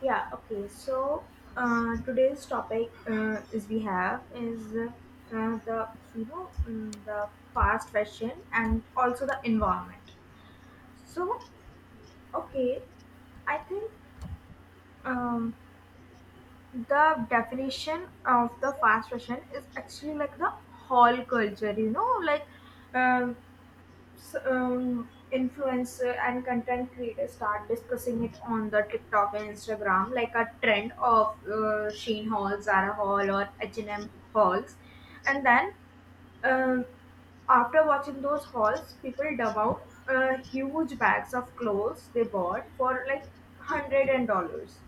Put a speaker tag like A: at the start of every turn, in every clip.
A: Yeah, okay. So today's topic is we have is the you know mm, the fast fashion and also the environment. So okay, I think um, the definition of the fast fashion is actually like the hall culture. You know, like uh, influencer and content creators start discussing it on the TikTok and Instagram, like a trend of Sheen Hall, Zara Hall, or H&M halls, and then um, after watching those hauls, people dump out huge bags of clothes they bought for like hundred and dollars,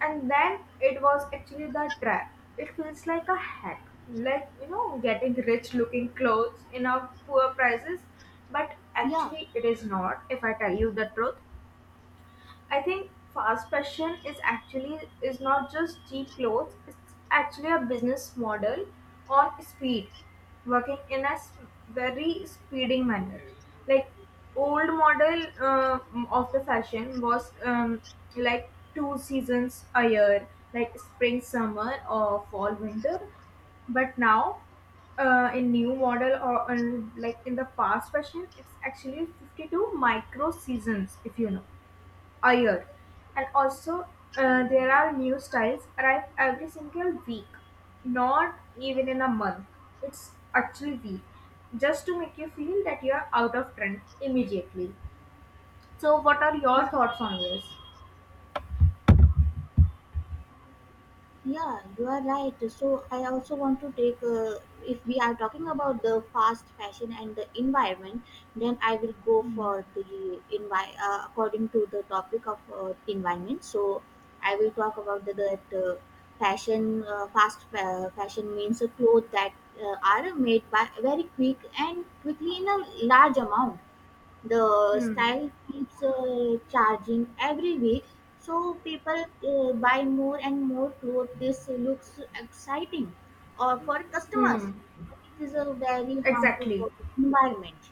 A: and then it was actually the trap. It feels like a hack, like you know, getting rich looking clothes in a poor prices, but
B: Yeah,
A: actually it is not, if I tell you the truth. I think fast fashion is actually is not just cheap clothes. It's actually a business model on speed, working in a very speeding manner. Like old model of the fashion was like two seasons a year, like spring summer or fall winter. But now in new model or like in the fast fashion, it's actually 52 micro seasons, if you know year. And also, there are new styles arrive every single week, not even in a month. It's actually week, just to make you feel that you are out of trend immediately. So, what are your thoughts on this?
B: yeah, you are right. So I also want to take, if we are talking about the fast fashion and the environment, then I will go
A: Hmm.
B: for the according to the topic of environment. So I will talk about the, that fashion, fashion means a clothes that are made by very quick and quickly in a large amount, the
A: Hmm.
B: style keeps charging every week, so people buy more and more clothes. This looks exciting or for customers,
A: Hmm.
B: but it is a very harmful for
A: Exactly.
B: the environment.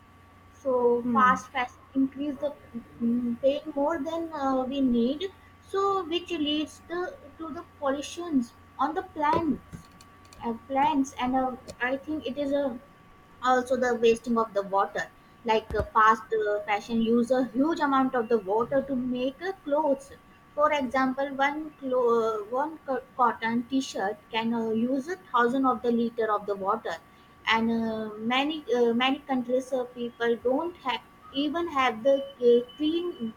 B: So
A: Hmm.
B: fast fashion increase the paying more than we need, so which leads to the pollutions on the plants, plants and I think it is a also the wasting of the water. Like fast fashion use a huge amount of the water to make clothes. For example, one clo- one co- cotton t-shirt can use a thousand of the liter of the water. And many countries people don't have even have the clean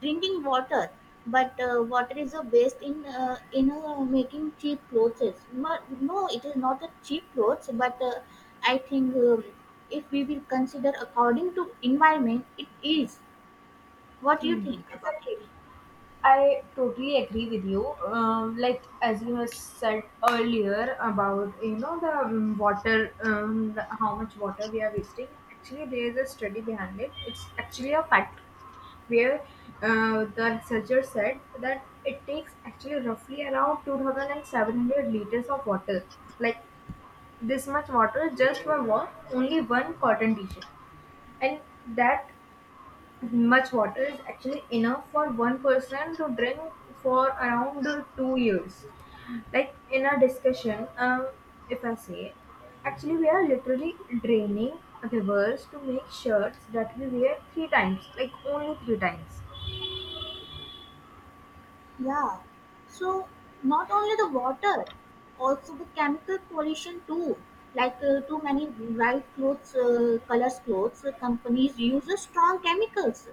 B: drinking water, but water is a waste in making cheap clothes. No, it is not a cheap clothes, but I think if we will consider according to environment, it is. What do you
A: Hmm.
B: think about it?
A: Exactly. I totally agree with you. Like as you have said earlier about the water, the, how much water we are wasting. Actually, there is a study behind it. It's actually a fact where the researcher said that it takes actually roughly around 2,700 liters of water. Like this much water just for one only one cotton t-shirt, and that much water is actually enough for one person to drink for around 2 years. Like in our discussion, if I say, actually, we are literally draining rivers to make shirts that we wear three times, like only three times.
B: Yeah. So not only the water, also the chemical pollution too. Like too many bright clothes, colors clothes companies use strong chemicals.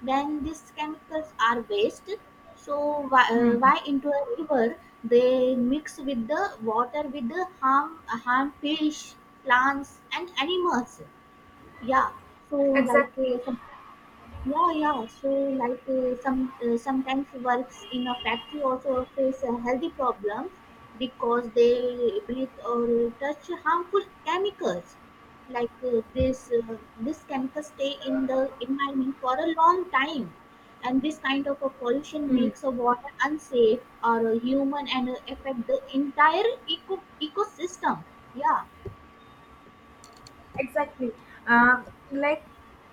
B: When these chemicals are wasted, so
A: Hmm.
B: why into a river, they mix with the water with the harm fish, plants and animals. Yeah, so like
A: Exactly.
B: some, yeah, so like sometimes works in a factory also face healthy problems, because they breathe or touch harmful chemicals. Like this chemicals stay in the environment for a long time, and this kind of a pollution makes a water unsafe or human and affect the entire ecosystem. yeah
A: Exactly. Uh, like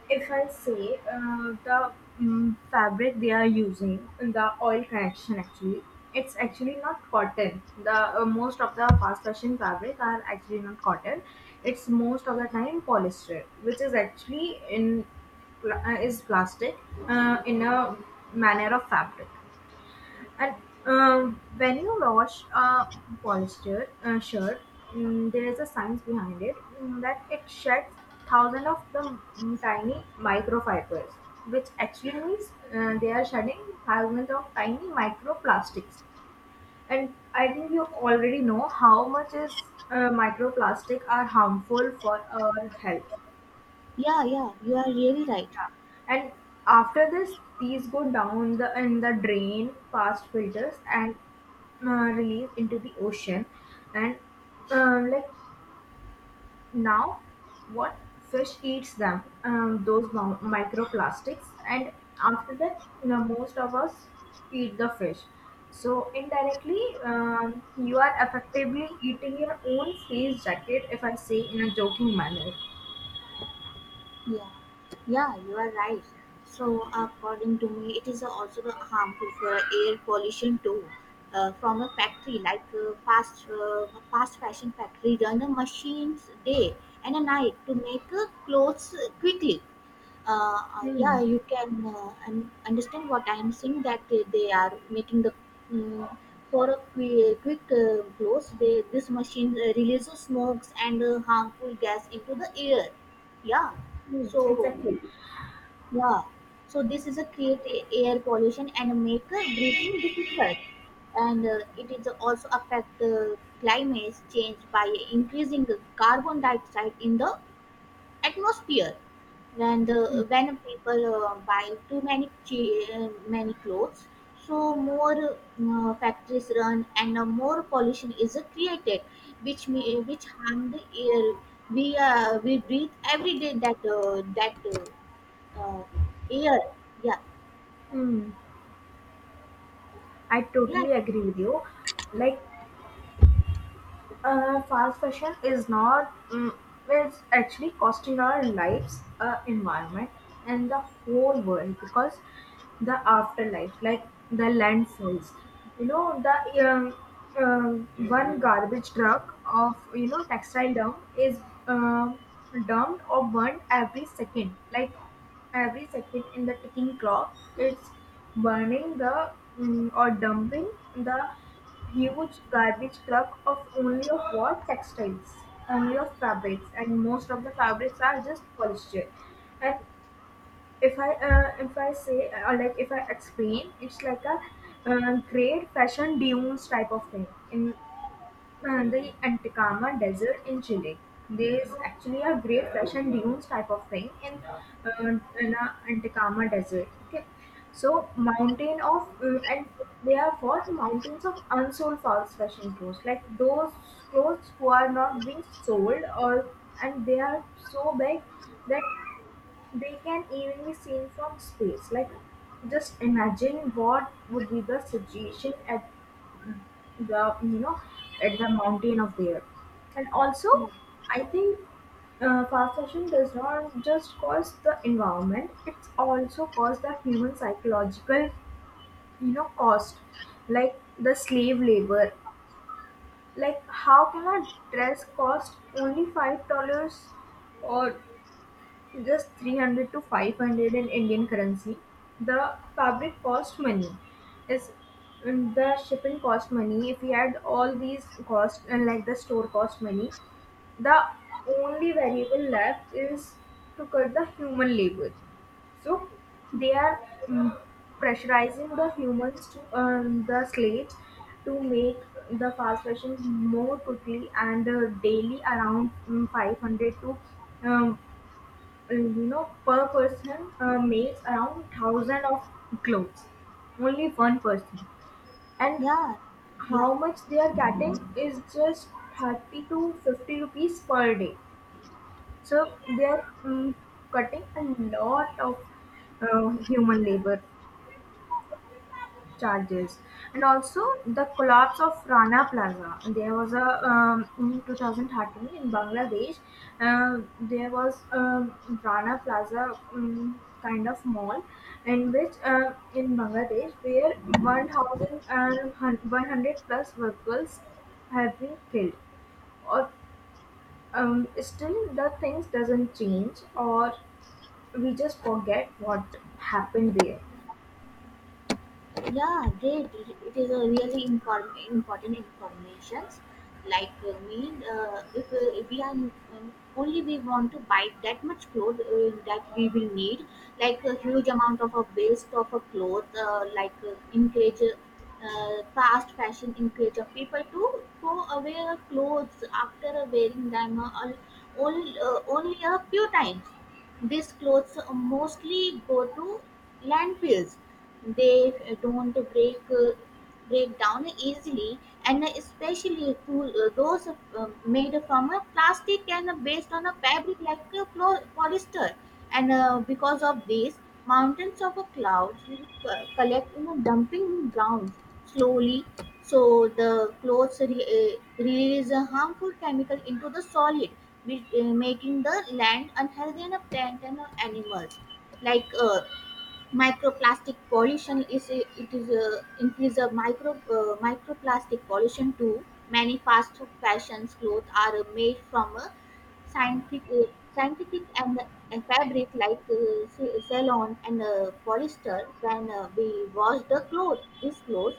A: if I say the fabric they are using, the oil connection actually, it's actually not cotton. The most of the fast fashion fabric are actually not cotton. It's most of the time polyester, which is actually in is plastic in a manner of fabric. And when you wash a polyester shirt, there is a science behind it that it sheds thousands of the tiny microfibers, which actually means they are shedding thousands of tiny microplastics. And I think you already know how much is microplastic are harmful for our health.
B: yeah yeah you are really right.
A: And after this, these go down the in the drain past filters and release into the ocean. And like now, what fish eats them? Those microplastics. And after that, you know, most of us eat the fish. So indirectly, you are effectively eating your own face jacket, if I say in a joking manner.
B: Yeah, yeah, you are right. So, according to me, it is also harmful for air pollution too. From a factory like fast fashion factory run the machines day and a night to make clothes quickly. Yeah,
A: Hmm.
B: you can understand what I am saying, that they are making the mm for a quick close. They, this machine releases smokes and harmful gas into the air. Yeah,
A: Hmm.
B: so
A: Exactly.
B: yeah, so this is a create a air pollution and make breathing difficult, and it is also affect climate change by increasing the carbon dioxide in the atmosphere. When people buy too many clothes, so more factories run and more pollution is created, which which harm the air we breathe every day. That that uh, Air. Yeah.
A: Hmm. I
B: Yeah,
A: totally agree with you. Like fast fashion is not, it's actually costing our lives, environment and the whole world, because the afterlife, like the landfills, you know, the one garbage truck of, you know, textile dump is um, dumped or burned every second. Like every second in the ticking clock, it's burning the or dumping the huge garbage truck of only of what textiles, only of fabrics, and most of the fabrics are just polyester. And if I say or like if I explain, it's like a great fashion dunes type of thing in the Atacama Desert in Chile. There's actually a great fresh and dunes type of thing in a Atacama Desert. Okay, so mountain of and they are what mountains of unsold false fashion clothes, like those clothes who are not being sold or, and they are so big that they can even be seen from space. Like, just imagine what would be the situation at the you know at the mountain of there. And also, I think fast fashion does not just cause the environment; it's also cause the human psychological you know cost, like the slave labor. Like, how can a dress cost only $5 or just 300 to 500 in Indian currency. The fabric cost money. Is the shipping cost money. If we add all these costs and like the store cost money, the only variable left is to cut the human labor. So they are mm, pressurizing the humans to, the slaves, to make the fast fashion more quickly and daily around 500 to um, you know, per person makes around thousand of clothes. Only one person, and
B: yeah yeah
A: how much they are getting is just 30 to 50 rupees per day. So they are cutting a lot of human labor charges. And also the collapse of Rana Plaza. There was a, in 2013 in Bangladesh. There was Rana Plaza kind of mall in which, in Bangladesh, where 1,000 and 100 plus workers have been killed. Or still the things doesn't change, or we just forget what happened there.
B: Yeah, great. It is a really important informations. Like mean, if we are uh, only we want to buy that much clothes that we will need, like a huge amount of a waste of a cloth. Like encourage Fast fashion encourage of people to throw away their clothes after wearing them only a few times. These clothes mostly go to landfills. They don't break break down easily, and especially to those made from a plastic and based on a fabric like a polyester. And because of this, mountains of clouds collect in a dumping grounds slowly. So the clothes release a harmful chemical into the solid, which, making the land unhealthy and a plant and animals. Like microplastic pollution it is a increase of microplastic pollution too. Many fast fashions clothes are made from scientific uh, scientific and fabric like cellulose and polyester. When we wash the clothes, these clothes,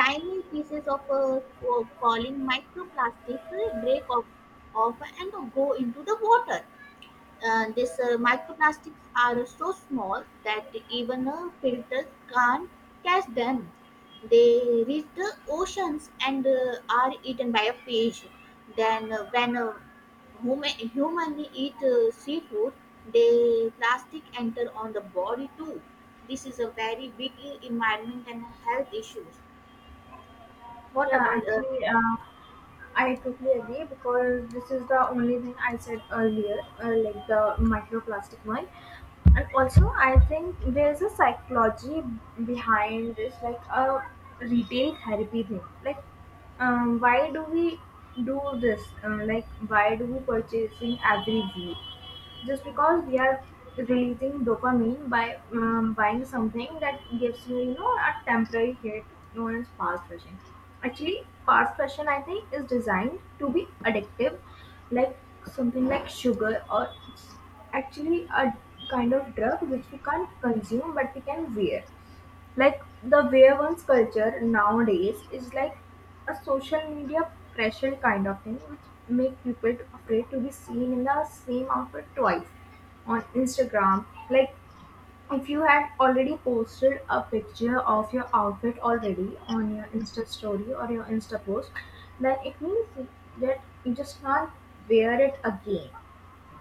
B: tiny pieces of calling microplastics off and go into the water. These microplastics are so small that even filters can't catch them. They reach the oceans and are eaten by a fish. Then, human eat seafood, the plastic enter on the body too. This is a very big environment and health issues. What
A: Yeah,
B: about
A: actually, I totally agree because this is the only thing I said earlier, like the microplastic one. And also, I think there's a psychology behind this, like a retail therapy thing. Like, why do we do this? Like, why do we purchasing every week? Just because we are releasing dopamine by buying something that gives you, you know, a temporary hit known as fast fashion. Actually fast fashion, I think, is designed to be addictive, like something like sugar, or it's actually a kind of drug which we can't consume but we can wear. Like the way one's culture nowadays is like a social media pressure kind of thing, which make people afraid to be seen in the same outfit twice on Instagram. Like if you had already posted a picture of your outfit already on your Insta story or your Insta post, then it means that you just can't wear it again.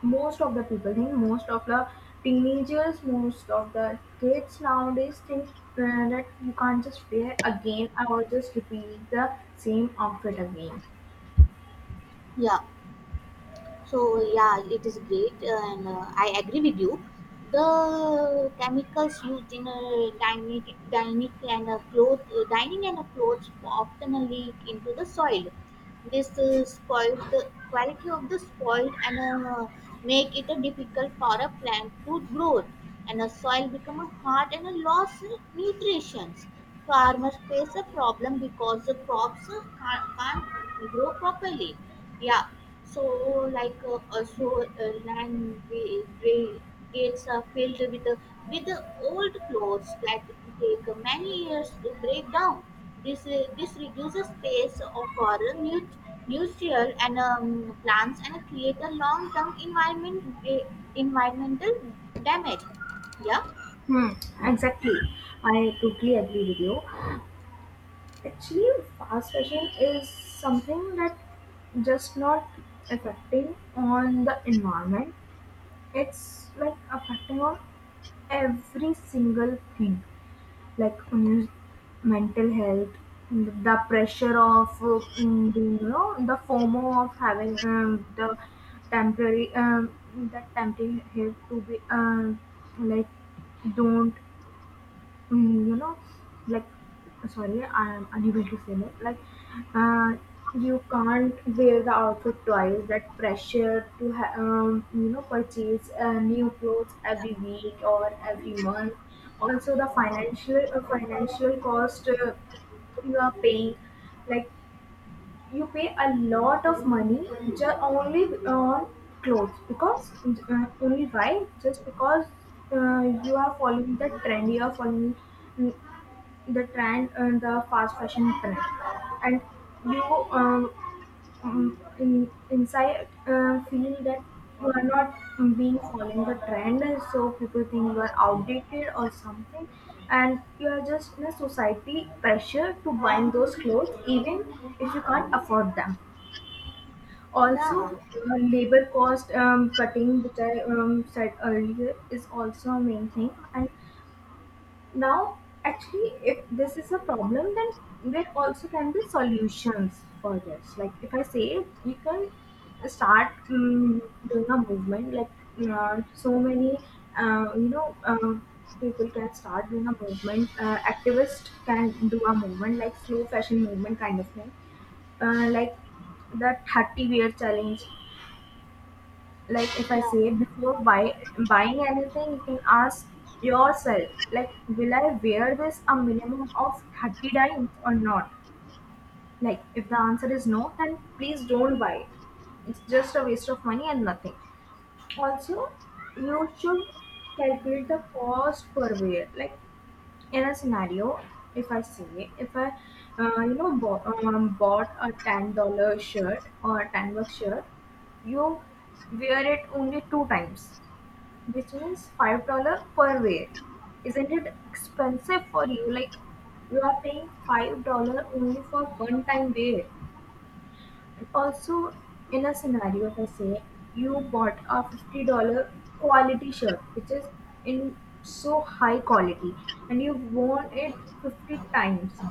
A: Most of the people think, most of the teenagers, most of the kids nowadays think that you can't just wear again or just repeat the same outfit again.
B: yeah? So yeah, it is great, and I agree with you. The chemicals used in dining and a clothes often leak into the soil. This spoils the quality of the soil, and make it difficult for a plant to grow. And a soil become a hard and a loss in nutrition. Farmers face a problem because the crops can't grow properly. Yeah. So, like also gates are filled with the old clothes that take many years to break down. This this reduces space for nu- nutrients and plants, and create a long term environmental damage. Yeah,
A: Hmm. Exactly. I totally agree with you. Actually fast fashion is something that just not affecting on the environment, it's like affecting on every single thing, like mental health, the pressure of being, you know, the fomo of having, the temporary that temporary help to be like don't you know, like, sorry, I'm unable to say that. Like, uh, you can't wear the outfit twice. That pressure to, you know, purchase new clothes
B: yeah,
A: every week or every month. Also, the financial cost you are paying, like you pay a lot of money just only on clothes because only why, just because you are following the trend, you are following mm, the trend and the fast fashion trend. And you um, inside, feel that you are not being following the trend, so people think you are outdated or something, and you are just in a society pressure to buying those clothes even if you can't afford them.
B: yeah,
A: Also labor cost cutting, which I said earlier, is also a main thing. And now, actually, if this is a problem, then there also can be solutions for this. Like if I say, you can start doing a movement like so many uh, you know uh, people can start doing a movement, activists can do a movement like slow fashion movement kind of thing, like the 30 wear challenge. Like if I
B: yeah,
A: say, before buying anything, you can ask yourself, like, will I wear this a minimum of 30 times or not? Like, if the answer is no, then please don't buy it. It's just a waste of money and nothing. Also, you should calculate the cost per wear. Like, in a scenario, if I say, if I, you know, bought a $10 shirt or a $10 shirt, you wear it only two times, which means $5 per wear. Isn't it expensive for you? Like you are paying $5 only for one time wear. And also in a scenario, if I say you bought a $50 quality shirt which is in so high quality, and you've worn it 50 times,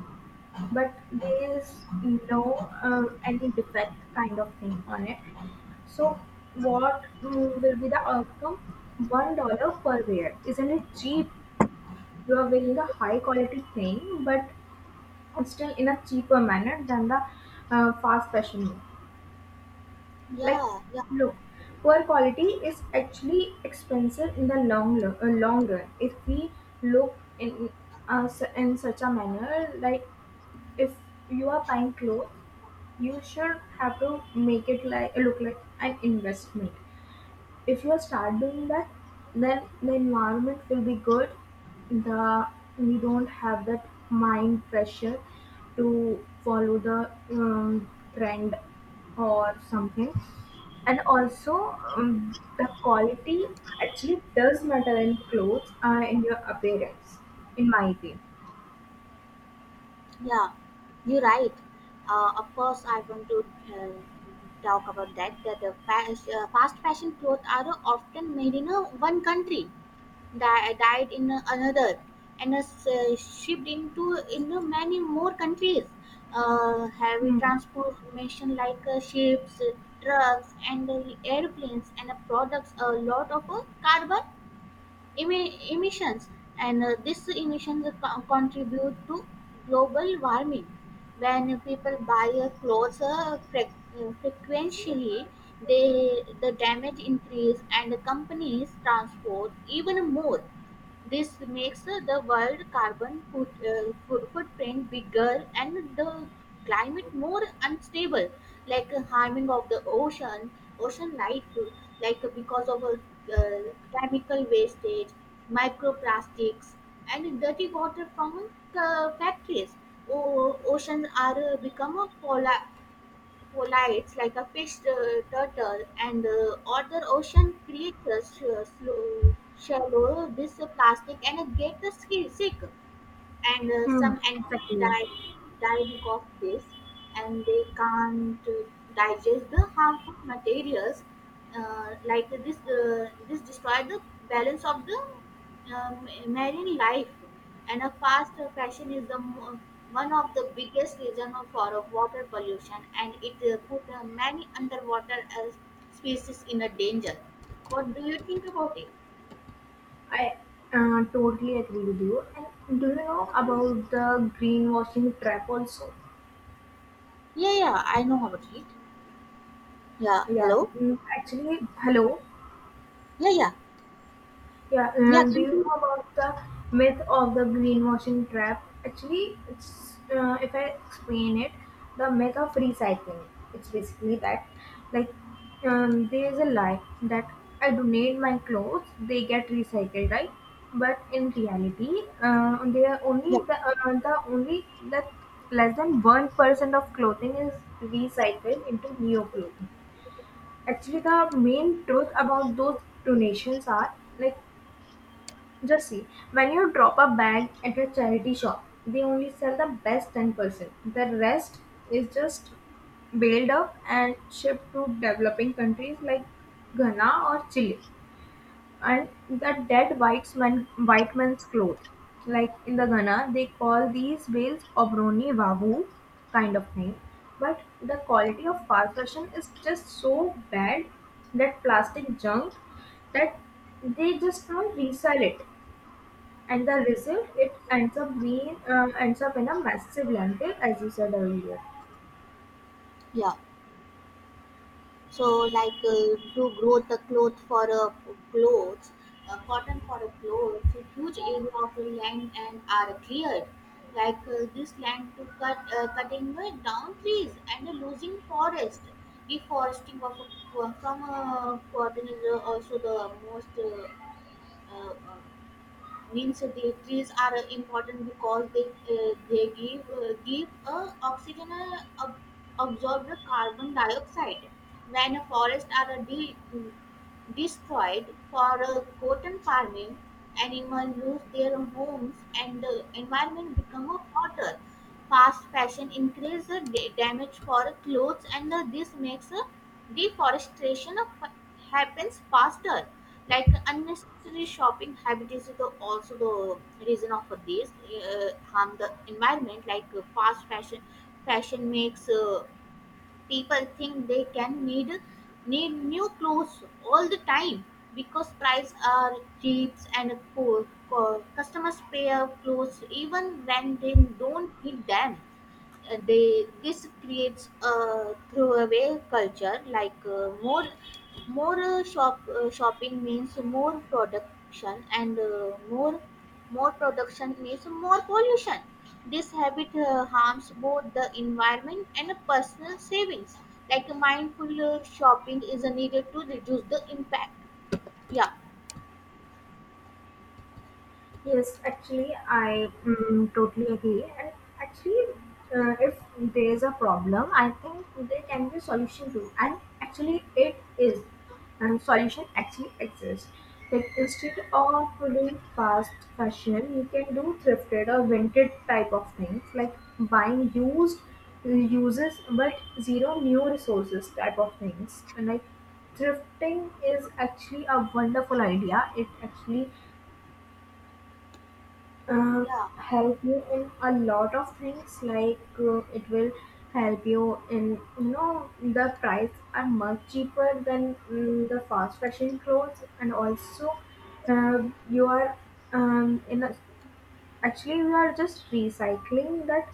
A: but there is no any defect kind of thing on it. So what will be the outcome? $1 per wear. Isn't it cheap? You are wearing a high quality thing, but still in a cheaper manner than the fast fashion. Like,
B: yeah, yeah.
A: look, poor quality is actually expensive in the long run. If we look in in such a manner, like if you are buying clothes you should have to make it like look like an investment. If you start doing that, then the environment will be good, the we don't have that mind pressure to follow the trend or something. And also the quality actually does matter in clothes, in your appearance, in my opinion.
B: Yeah. You're right. Of course, I want to uh, talk about that. That the fast fashion clothes are often made in a one country, died in another, and shipped into many more countries. Heavy
A: Hmm.
B: transportation like ships, trucks, and airplanes, and products a lot of carbon emissions, and these emissions contribute to global warming. When people buy clothes frequently, they the damage increase and the companies transport even more. This makes the world carbon footprint bigger and the climate more unstable, like harming of the ocean, ocean life, like because of uh, chemical wastage, microplastics, and dirty water from factories. Oceans are become a polar, Polites like a fish, turtle and other ocean creatures shallow this plastic and get the sick, and
A: Hmm.
B: some animals
A: Exactly.
B: die because of this, and they can't digest the harmful materials. This destroy the balance of the marine life. And a fast fashion is the one of the biggest reason for water pollution, and it put many underwater species in a danger. What do you think about it?
A: I totally agree with you. And do you know about the greenwashing trap also?
B: Yeah, I know about it. Yeah,
A: Yeah,
B: hello.
A: actually, hello.
B: Yeah, yeah,
A: Yeah,
B: yeah,
A: do
B: can
A: you
B: you.
A: know about the myth of the greenwashing trap? Actually, it's, if I explain it, the myth of recycling. It's basically that, like, there is a lie that I donate my clothes, they get recycled, right? But in reality, they are
B: Yeah,
A: only the only that less than 1% of clothing is recycled into new clothing. Actually, the main truth about those donations are, like, just see, when you drop a bag at a charity shop, they only sell the best 10%. The rest is just baled up and shipped to developing countries like Ghana or Chile. And the dead white, man, white man's clothes. Like in the Ghana, they call these bales obroni wavu kind of thing. But the quality of fast fashion is just so bad, that plastic junk, that they just can't resell it, and the result, it ends up in a massive landfill, as you said earlier.
B: yeah. So like to grow the cloth for a clothes, cotton for a clothes, a huge area of land and are cleared. Like this land to cutting down trees and losing forest. Deforesting of a, from a cotton is also the most uh, uh, means the trees are important because they give oxygen, absorb the carbon dioxide. When a forest are destroyed for cotton farming, animals lose their homes and the environment become a hotter. Fast fashion increase the damage for clothes, and this makes deforestation happens faster. Like unnecessary shopping habit is also the reason of this harm the environment. Like fast fashion makes people think they can need new clothes all the time, because price are cheap and poor, customers pay up clothes even when they don't need them. They this creates a throwaway culture. Like more more shop shopping means more production, and more production means more pollution. This habit harms both the environment and personal savings. Like mindful shopping is needed to reduce the impact. Yeah.
A: Yes, actually, I, totally agree. And actually, if there is a problem, I think there can be a solution too. And actually, it is. And solution actually exists. Like, instead of doing fast fashion, you can do thrifted or vintage type of things, like buying used uses but zero new resources type of things. And like, thrifting is actually a wonderful idea. It actually uh,
B: Yeah.
A: help you in a lot of things, like it will help you in, you know, the price are much cheaper than, the fast fashion clothes. And also, uh, you are, um, in a, actually you are just recycling that.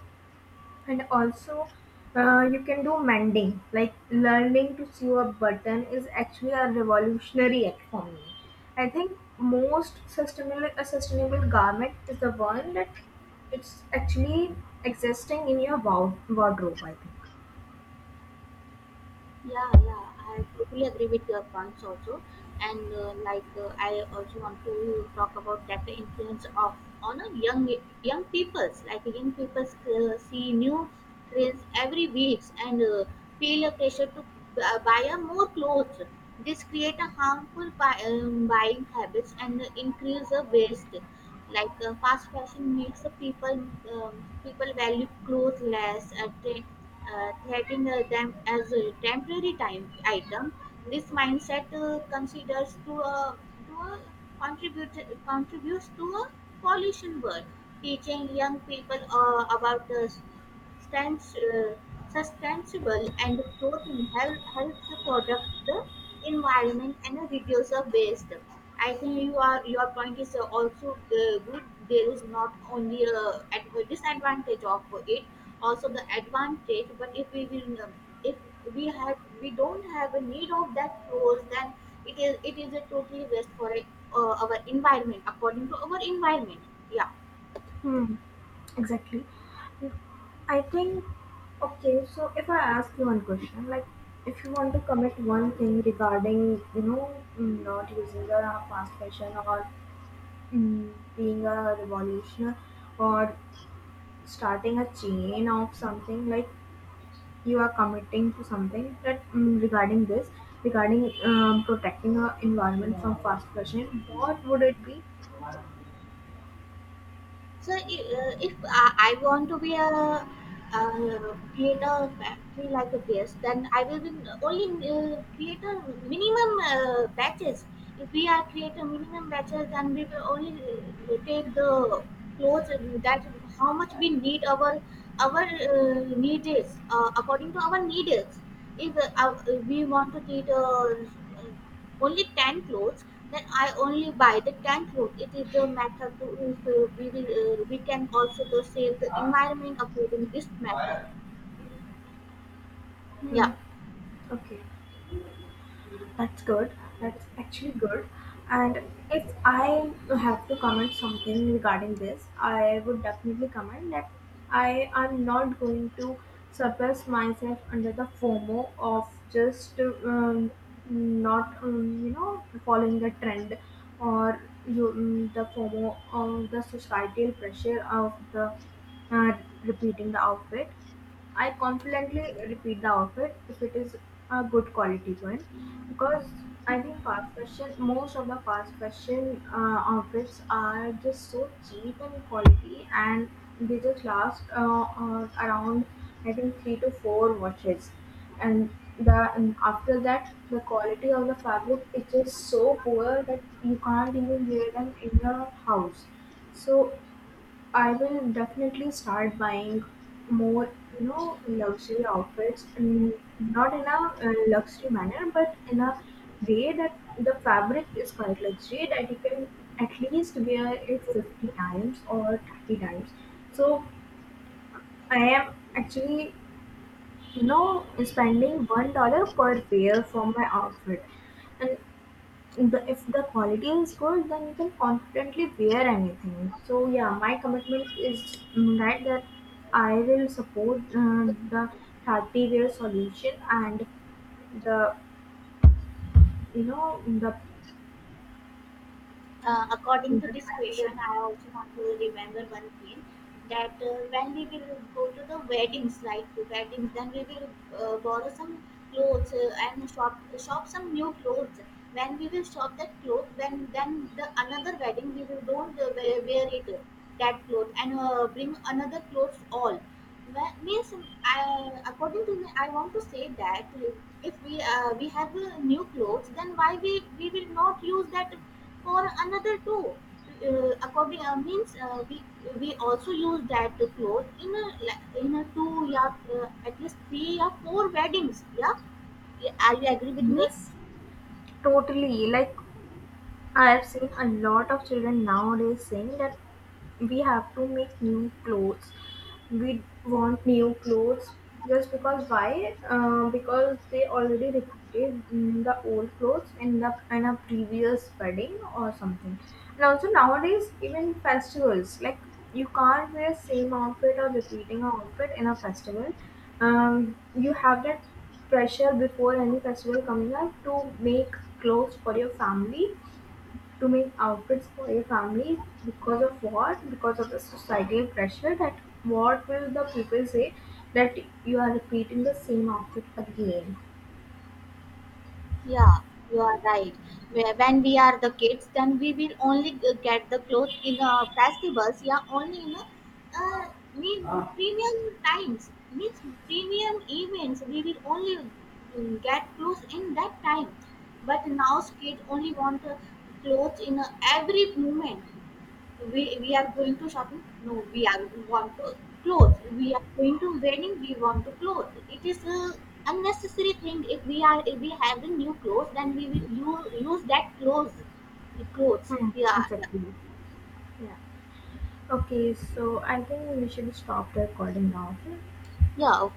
A: And also, you can do mending. Like, learning to sew a button is actually a revolutionary act for me. I think most sustainable a sustainable garment is the one that it's actually existing in your wardrobe, I think.
B: Yeah, yeah, I totally agree with your points also, and I also want to talk about that the influence of on a young peoples. Like young peoples see new trends every week, and feel a pressure to buy a more clothes. This create a harmful buying habits and increase the waste. Like fast fashion makes the um, people value clothes less, treating them as a temporary time item. This mindset considers to a contribute contributes to a pollution world. Teaching young people about stans- uh, sustainable and clothing helps the product the environment and reduce the waste. I think you are your point is also good. There is not only a disadvantage of it, also the advantage. But if we will if we have we don't have a need of that clothes, then it is a totally waste for our environment, according to our environment. Yeah.
A: Hmm. Exactly. I think. Okay, so if I ask you one question, like, if you want to commit one thing regarding, you know, not using the fast fashion, or, mm, being a revolutionary, or starting a chain of something, like, you are committing to something that, mm, regarding this, regarding, protecting our environment from, yeah, fast fashion, what would it be?
B: So I- if I, I want to be a create a factory like a base, then I will be only create a minimum batches. If we are create a minimum batches, then we will only take the clothes that how much we need our need is, according to our need is. If we want to create a only tan clothes? Then I only buy the tan clothes. It is the method to, if we can also the save the environment of using this method.
A: Hmm.
B: Yeah.
A: Okay. That's good. That's actually good. And if I have to comment something regarding this, I would definitely comment that I am not going to suppress myself under the FOMO of just, not, you know, following the trend, or you the FOMO of the societal pressure of the, repeating the outfit. I confidently repeat the outfit if it is a good quality one, because I think fast fashion, most of the fast fashion outfits are just so cheap in quality, and they just last around, I think, three to four washes, and the and after that the quality of the fabric is just so poor that you can't even wear them in your house. So I will definitely start buying more, you know, luxury outfits, and not in a luxury manner, but in a way that the fabric is quite luxury, that you can at least wear it 50 times or 30 times. So I am actually, you know, spending $1 per pair for my outfit, and if the quality is good then you can confidently wear anything. So yeah, my commitment is, that I will support, the 30 wear solution, and the you know
B: According
A: the
B: to this
A: 30 wear.
B: question, I also want to remember one thing, that when we will go to the weddings, like the weddings, then we will borrow some clothes and shop some new clothes. When we will shop that cloth, when then the another wedding we will don't wear it that cloth, and bring another clothes all. Well, means I, according to me, I want to say that if we we have new clothes, then why we will not use that for another two according means we also use that cloth in a like, in a two, yeah, at least three or four weddings, yeah. Yeah, are you agree with me?
A: Yes, totally. Like, I have seen a lot of children nowadays saying that we have to make new clothes, we want new clothes, just because why? Because they already repeated, the old clothes in the in a previous wedding or something. And also nowadays even festivals, like, you can't wear same outfit or repeating outfit in a festival. You have that pressure before any festival coming up to make clothes for your family, to make outfits for your family, because of what? Because of the societal pressure, that what will the people say, that you are repeating the same outfit again.
B: Yeah, you are right. When we are the kids, then we will only get the clothes in festivals. Yeah, only in uh, me- premium times, means premium events. We will only get clothes in that time. But now kids only want clothes in every moment. We are going to shopping. No, we want to clothes. We are going to wedding. We want to clothes. It is a unnecessary thing. If we are if we have a new clothes, then we will use that clothes. Clothes.
A: Hmm,
B: Yeah,
A: exactly. Yeah. Okay, so I think we should stop the recording now, okay?
B: yeah.